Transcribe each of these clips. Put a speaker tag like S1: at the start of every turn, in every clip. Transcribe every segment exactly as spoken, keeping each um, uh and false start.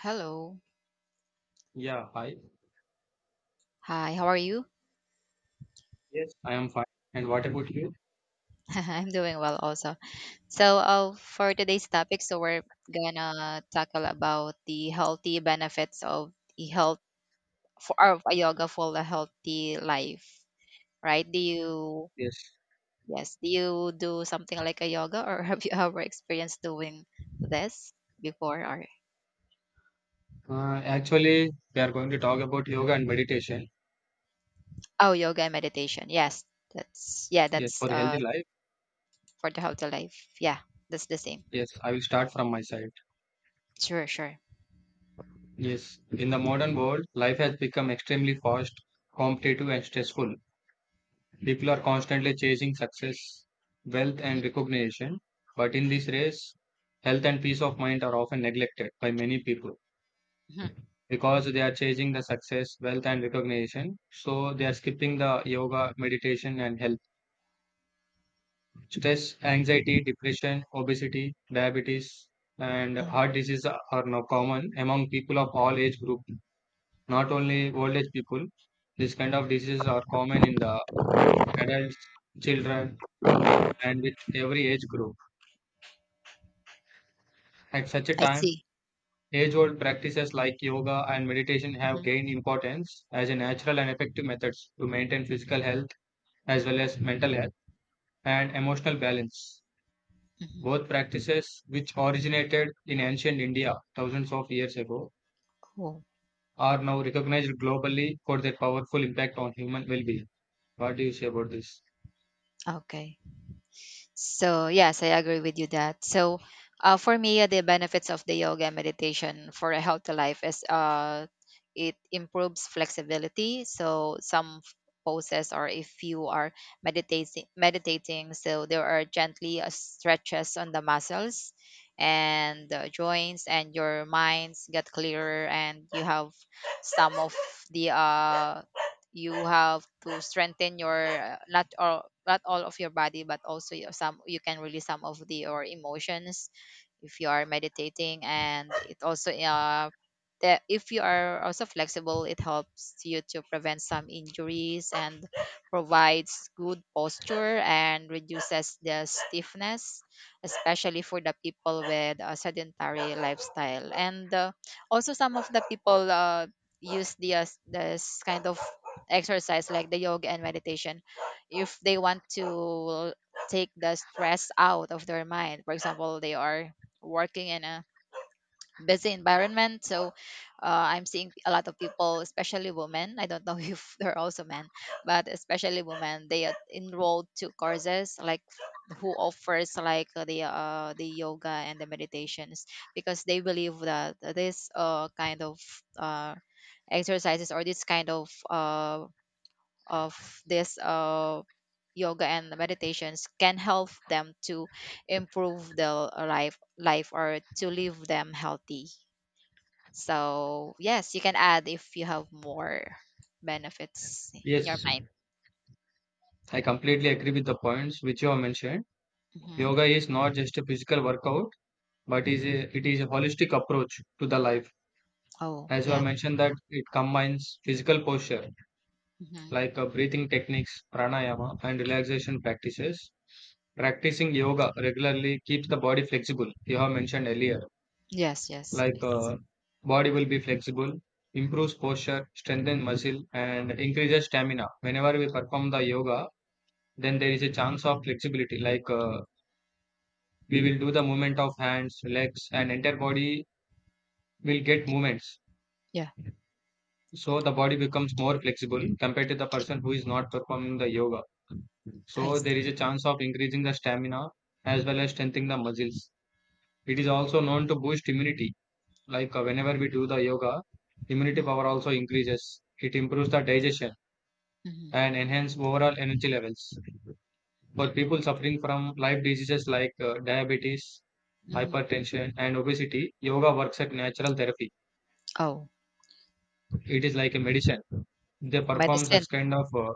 S1: Hello.
S2: Yeah, hi.
S1: Hi, how are you?
S2: Yes. I am fine. And what about you?
S1: I'm doing well also. So, uh, for today's topic, so we're gonna tackle about the healthy benefits of the health for of a yoga for a healthy life, right? Do you
S2: Yes.
S1: Yes, do you do something like a yoga or have you ever experienced doing this before or
S2: Uh, actually, we are going to talk about yoga and meditation.
S1: oh, yoga and meditation. Yes. That's yeah,
S2: Yes,
S1: that's
S2: for a
S1: uh
S2: healthy life.
S1: for the healthy life. Yeah, that's the same.
S2: Yes, I will start from my side.
S1: Sure, sure.
S2: Yes, in the modern world, life has become extremely fast, competitive, and stressful. People are constantly chasing success, wealth,
S1: Mhm,
S2: and recognition. But in this race, health and peace of mind are often neglected by many people
S1: mhm.
S2: because they are chasing the success, wealth, and recognition. So they are skipping the yoga, meditation, and health. Stress, anxiety, depression, obesity, diabetes, and
S1: Um,
S2: heart disease are now common among people of all age group, not only old age people. this kind of diseases are common in the adults, children, and with every age group. At such a
S1: I
S2: time,
S1: see.
S2: age-old practices like yoga and meditation have
S1: Mm-hmm.
S2: gained importance as a natural and effective methods to maintain physical health as well as mental health and emotional balance.
S1: Mhm.
S2: Both practices, which originated in ancient India thousands of years ago,
S1: Cool.
S2: are now recognized globally for their powerful impact on human well being. What do you say about this?
S1: Okay. So, yes, I agree with you that. So, uh, for me, uh, the benefits of the yoga meditation for a healthy life is uh, it improves flexibility. So, some f- poses, or if you are meditating, meditating, so there are gently uh, stretches on the muscles and the joints, and your minds get clearer, and you have some of the uh, you have to strengthen your uh, not all not all of your body but also your some you can release some of the your emotions if you are meditating, and it also uh that if you are also flexible, it helps you to prevent some injuries and provides good posture and reduces the stiffness, especially for the people with a sedentary lifestyle. And uh, also some of the people uh, use the, uh, this kind of exercise like the yoga and meditation if they want to take the stress out of their mind. For example, they are working in a busy environment, so uh, I'm seeing a lot of people, especially women, I don't know if there are also men, but especially women, they are enrolled to courses like who offers like the uh, the yoga and the meditations because they believe that this uh, kind of uh, exercises or this kind of, uh, of, this, uh, yoga and meditations can help them to improve their life life or to leave them healthy. So, yes, you can add if you have more benefits in your
S2: Yes,
S1: mind.
S2: I completely agree with the points which you have mentioned.
S1: Hmm.
S2: Yoga is not just a physical workout, but is
S1: Hmm.
S2: a, it is a holistic approach to the life.
S1: Oh,
S2: As you have
S1: yeah.
S2: mentioned that it combines physical posture,
S1: Hmm.
S2: like uh, breathing techniques, pranayama, and relaxation practices. Practicing yoga regularly keeps the body flexible. You have mentioned earlier,
S1: Yes, yes.
S2: like
S1: It's,
S2: uh, body will be flexible, improves posture, strengthens muscle, and increases stamina. Whenever we perform the yoga, then there is a chance of flexibility, like uh, we will do the movement of hands, legs, and entire body will get movements,
S1: yeah,
S2: so the body becomes more flexible compared to the person who is not performing the yoga.
S1: I.
S2: So there is a chance of increasing the stamina as well as strengthening the muscles. It is also known to boost immunity. Like uh, whenever we do the yoga, immunity
S1: Mm-hmm.
S2: power also increases. It improves the digestion and enhance overall energy levels. For people suffering from life diseases like uh, diabetes,
S1: Hmm.
S2: hypertension, and obesity, yoga works at natural therapy.
S1: Oh,
S2: It is like a medicine. They perform
S1: medicine.
S2: such kind of uh,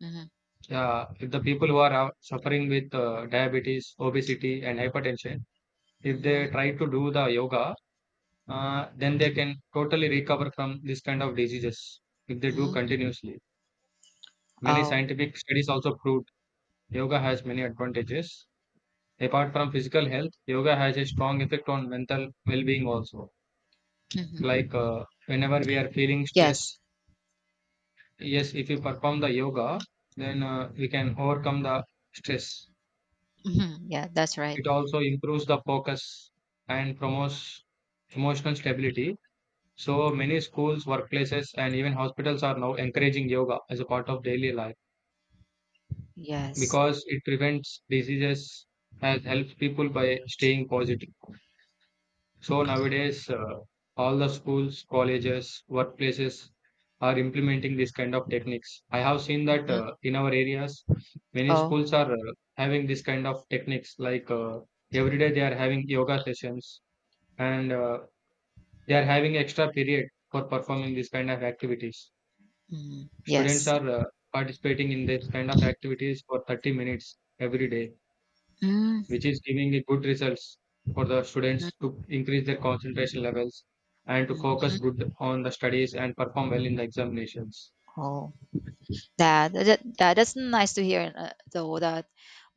S1: Hmm.
S2: uh, if the people who are uh, suffering with uh, diabetes, obesity, and hypertension, if they
S1: Mm.
S2: try to do the yoga, uh, then they can totally recover from this kind of diseases if they do
S1: Mm.
S2: continuously. Many
S1: Oh.
S2: scientific studies also proved yoga has many advantages. Apart from physical health, yoga has a strong effect on mental well-being also.
S1: Hmm.
S2: Like uh, whenever we are feeling
S1: Yes.
S2: stress, yes, if you perform the yoga, then uh, we can overcome the stress.
S1: Hmm. Yeah, that's right.
S2: It also improves the focus and promotes emotional stability. So many schools, workplaces, and even hospitals are now encouraging yoga as a part of daily life,
S1: Yes.
S2: because it prevents diseases and helps people by staying positive. So nowadays, uh, all the schools, colleges, workplaces are implementing this kind of techniques. I have seen that
S1: Mhm.
S2: uh, in our areas, many
S1: Oh.
S2: schools are uh, having this kind of techniques. Like uh, every day, they are having yoga sessions, and uh, they are having extra period for performing this kind of activities.
S1: Mm,
S2: Students
S1: yes.
S2: are uh, participating in this kind of activities for thirty minutes every day,
S1: Mm,
S2: which is giving the good results for the
S1: mm,
S2: students to increase their concentration levels and to
S1: mm.
S2: focus good on the studies and perform well in the examinations.
S1: Oh, that, that that- that's nice to hear. Uh, though that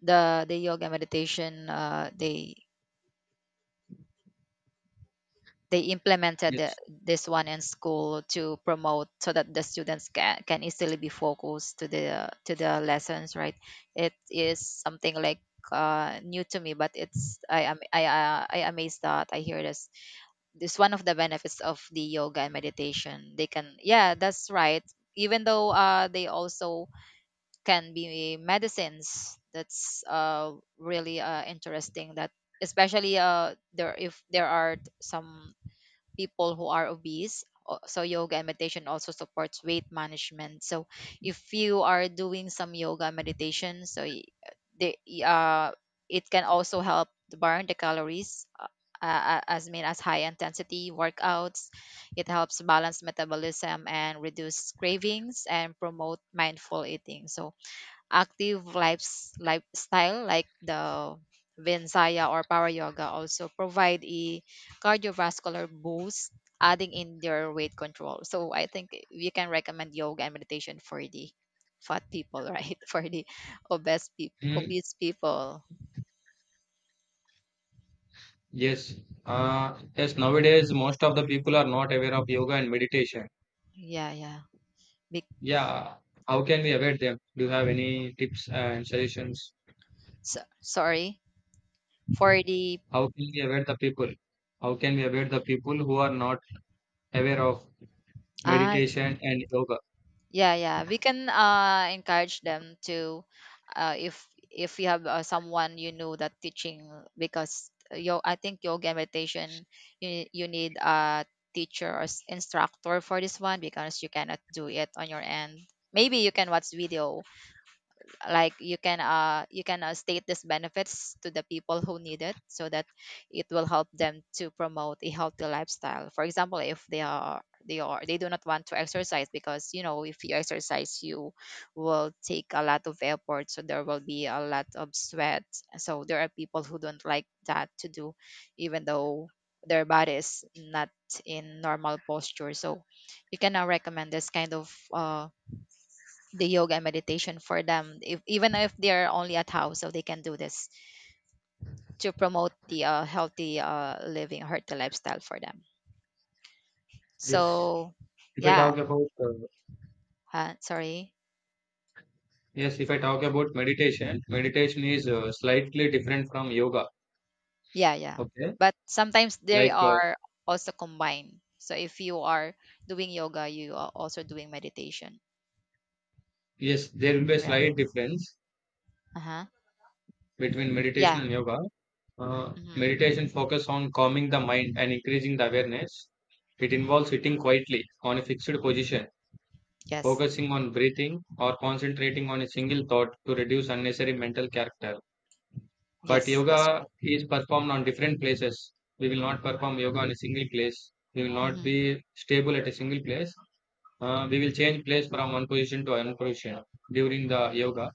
S1: the the yoga meditation, uh, they they implemented the,
S2: Yes.
S1: this one in school to promote so that the students can, can easily be focused to the to the lessons, right? It is something like uh, new to me, but it's I am I, I I amazed that I hear this. This one of the benefits of the yoga and meditation. They can, yeah, that's right. Even though uh, they also can be medicines. That's uh, really uh, interesting. That, especially uh, there if there are some people who are obese. O- So yoga and meditation also supports weight management. So if you are doing some yoga and meditation, so y- they, uh, it can also help to burn the calories, uh, uh, as mean as high intensity workouts. It helps balance metabolism and reduce cravings and promote mindful eating. So active lives lifestyle like the Vinyasa or power yoga also provide a cardiovascular boost, adding in their weight control. So I think we can recommend yoga and meditation for the fat people, right? For the obese people,
S2: Mm,
S1: obese people.
S2: yes. Uh, yes. Nowadays, most of the people are not aware of yoga and meditation.
S1: Yeah, yeah. Big.
S2: Yeah. How can we avoid them? Do you have any tips and suggestions?
S1: So, sorry for the.
S2: How can we avoid the people? How can we avoid the people who are not aware of
S1: ah
S2: meditation and yoga?
S1: Yeah, yeah. We can uh, encourage them to, uh, if if you have uh, someone you know that teaching, because yo, I think yoga meditation, you you need a teacher or s- instructor for this one because you cannot do it on your end. Maybe you can watch video, like you can uh you can uh, state these benefits to the people who need it so that it will help them to promote a healthy lifestyle. For example, if they are they are they do not want to exercise, because, you know if you exercise, you will take a lot of effort, so there will be a lot of sweat, so there are people who don't like that to do even though their body is not in normal posture. So you can uh, recommend this kind of uh the yoga and meditation for them, if, even if they're only at house, so they can do this to promote the uh, healthy, uh, living healthy lifestyle for them,
S2: Yes.
S1: so.
S2: If I
S1: Yeah,
S2: talk about uh,
S1: uh, sorry.
S2: Yes, if I talk about meditation, meditation is uh, slightly different from yoga.
S1: Yeah, yeah,
S2: Okay,
S1: but sometimes they
S2: like uh,
S1: are also combined, so if you are doing yoga you are also doing meditation,
S2: yes, there will be a
S1: right?
S2: slight difference
S1: Uh-huh.
S2: between meditation
S1: Yeah.
S2: and yoga. Uh,
S1: Mm-hmm.
S2: meditation focus on calming the mind and increasing the awareness. It
S1: Mm-hmm.
S2: involves sitting quietly on a fixed position,
S1: Yes,
S2: focusing on breathing or concentrating on a single thought to reduce unnecessary mental character. But
S1: yes, that's
S2: yoga
S1: right.
S2: is performed on different places. We will not perform yoga on a single place. We will not
S1: Mm-hmm.
S2: be stable at a single place. Uh, we will change place from one position to another position during the yoga.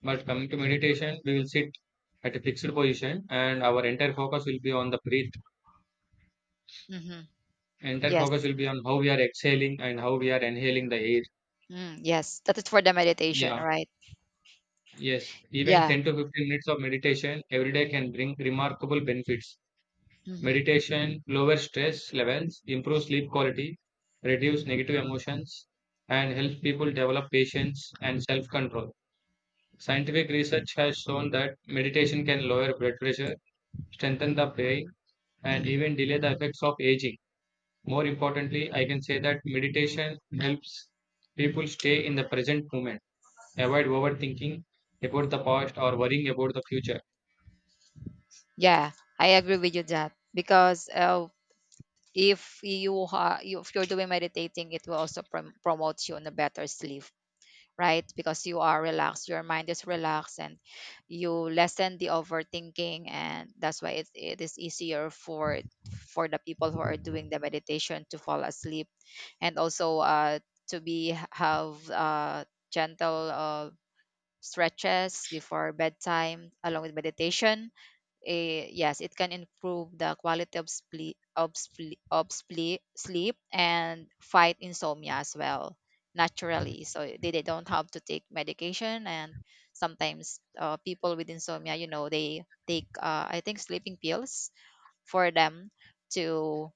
S2: But coming to meditation, we will sit at a fixed position and our entire focus will be on the breath.
S1: Mm-hmm.
S2: Entire focus
S1: Yes.
S2: will be on how we are exhaling and how we are inhaling the air.
S1: Mm, yes, that is for the meditation,
S2: Yeah,
S1: right?
S2: yes. Even
S1: Yeah.
S2: ten to fifteen minutes of meditation every day can bring remarkable benefits.
S1: Mm-hmm.
S2: Meditation lowers stress levels, improves sleep quality, reduces negative emotions, and helps people develop patience and self control. Scientific research has shown that meditation can lower blood pressure, strengthen the brain, and
S1: Mm-hmm.
S2: even delay the effects of aging. More importantly, I can say that meditation helps people stay in the present moment, avoid overthinking about the past or worrying about the future.
S1: Yeah, I agree with you that because uh, if you ha- you- if you're doing meditating, it will also prom- promote you on a better sleep, right? Because you are relaxed, your mind is relaxed, and you lessen the overthinking, and that's why it, it is easier for for the people who are doing the meditation to fall asleep, and also uh, to be have uh, gentle uh, stretches before bedtime along with meditation, eh, yes, it can improve the quality of sleep, of sleep, of sleep, sleep and fight insomnia as well naturally. So they, they don't have to take medication. And sometimes uh, people with insomnia, you know, they take, uh, I think, sleeping pills for them to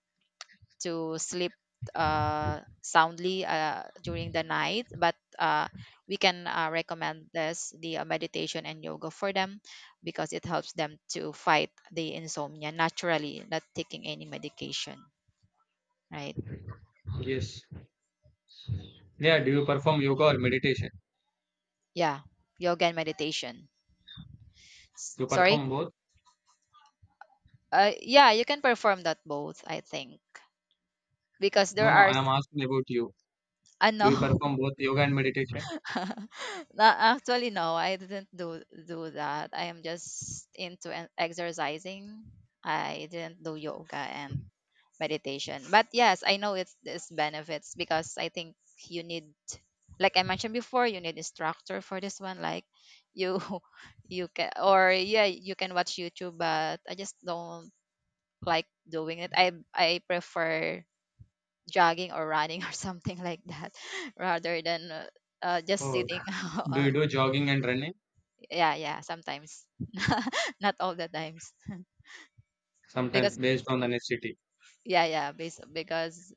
S1: to sleep uh, soundly uh, during the night. But uh, we can uh, recommend this the uh, meditation and yoga for them because it helps them to fight the insomnia naturally, not taking any medication, right?
S2: Yes. Yeah, do you perform yoga or meditation?
S1: Yeah, yoga and meditation. S-
S2: You
S1: Sorry.
S2: perform both?
S1: Uh, yeah, you can perform that both. I think because
S2: No,
S1: there
S2: no,
S1: are.
S2: I am asking about you.
S1: I
S2: Do you
S1: know.
S2: perform both yoga and meditation?
S1: No, actually, no, I didn't do do that. I am just into an- exercising. I didn't do yoga and meditation. But yes, I know it's its benefits, because I think you need, like I mentioned before, you need instructor for this one. Like you, you can, or yeah, you can watch YouTube, but I just don't like doing it. I I prefer jogging or running or something like that rather than uh, uh, just
S2: Oh.
S1: sitting
S2: Do
S1: on.
S2: you do jogging and running?
S1: Yeah, yeah, sometimes. Not all the times. Because,
S2: Sometimes based on the necessity.
S1: yeah, yeah, bas- because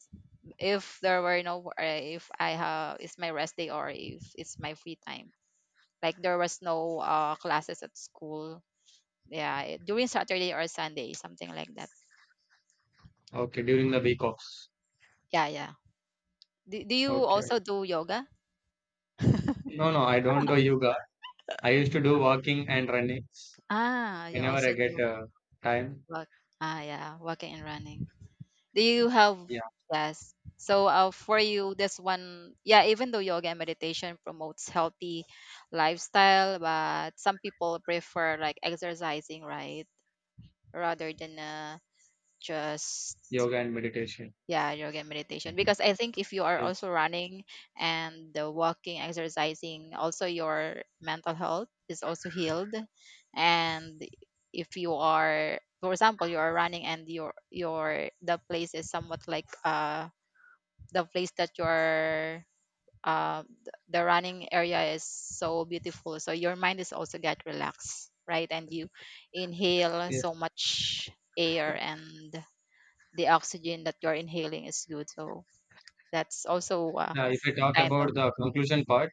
S1: if there were no wo- uh, if I have it's my rest day or if it's my free time, like there was no uh, classes at school, yeah, it- during Saturday or Sunday, something like that.
S2: Okay, during the week offs.
S1: Yeah, yeah, do, do you
S2: Okay.
S1: also do yoga?
S2: No, no, I don't do yoga. I used to do walking and running
S1: Ah you
S2: whenever I
S1: also
S2: get
S1: do
S2: uh, time.
S1: walk. Ah yeah, walking and running. Do you have
S2: Yeah,
S1: Yes. So uh, for you, this one, yeah, even though yoga and meditation promotes healthy lifestyle, but some people prefer like exercising, right? Rather than uh, just,
S2: yoga and meditation.
S1: yeah, yoga and meditation. Because I think if you are
S2: Yes,
S1: also running and uh, walking, exercising, also your mental health is also healed. And if you are, for example, you are running and your your the place is somewhat like uh the place that you are, uh, th- the running area is so beautiful, so your mind is also get relaxed, right, and you inhale
S2: yes.
S1: so much air, and the oxygen that you're inhaling is good, so that's also uh,
S2: Now, if I talk
S1: kind
S2: about
S1: of.
S2: the conclusion part,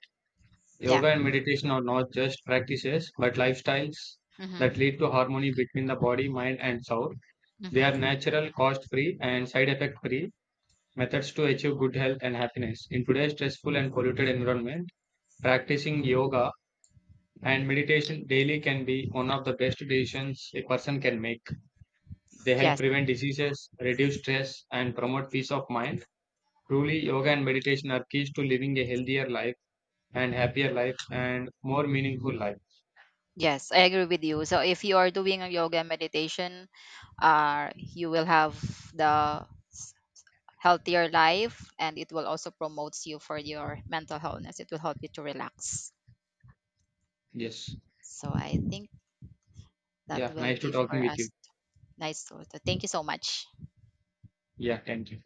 S1: Yeah.
S2: yoga and meditation are not just practices but lifestyles
S1: Hmm.
S2: that lead to harmony between the body, mind, and soul. They
S1: Hmm.
S2: are natural, cost-free, and side effect-free methods to achieve good health and happiness. In today's stressful and polluted environment, practicing yoga and meditation daily can be one of the best decisions a person can make. They help
S1: Yes.
S2: prevent diseases, reduce stress, and promote peace of mind. Truly, yoga and meditation are keys to living a healthier life and happier life and more meaningful life.
S1: Yes, I agree with you. So if you are doing a yoga meditation, uh you will have the healthier life, and it will also promotes you for your mental wellness, it will help you to relax.
S2: Yes.
S1: So I think that
S2: Yeah.
S1: will
S2: Nice to
S1: be
S2: talking
S1: for
S2: with you.
S1: us. Nice. So thank you so much.
S2: Yeah. Thank you.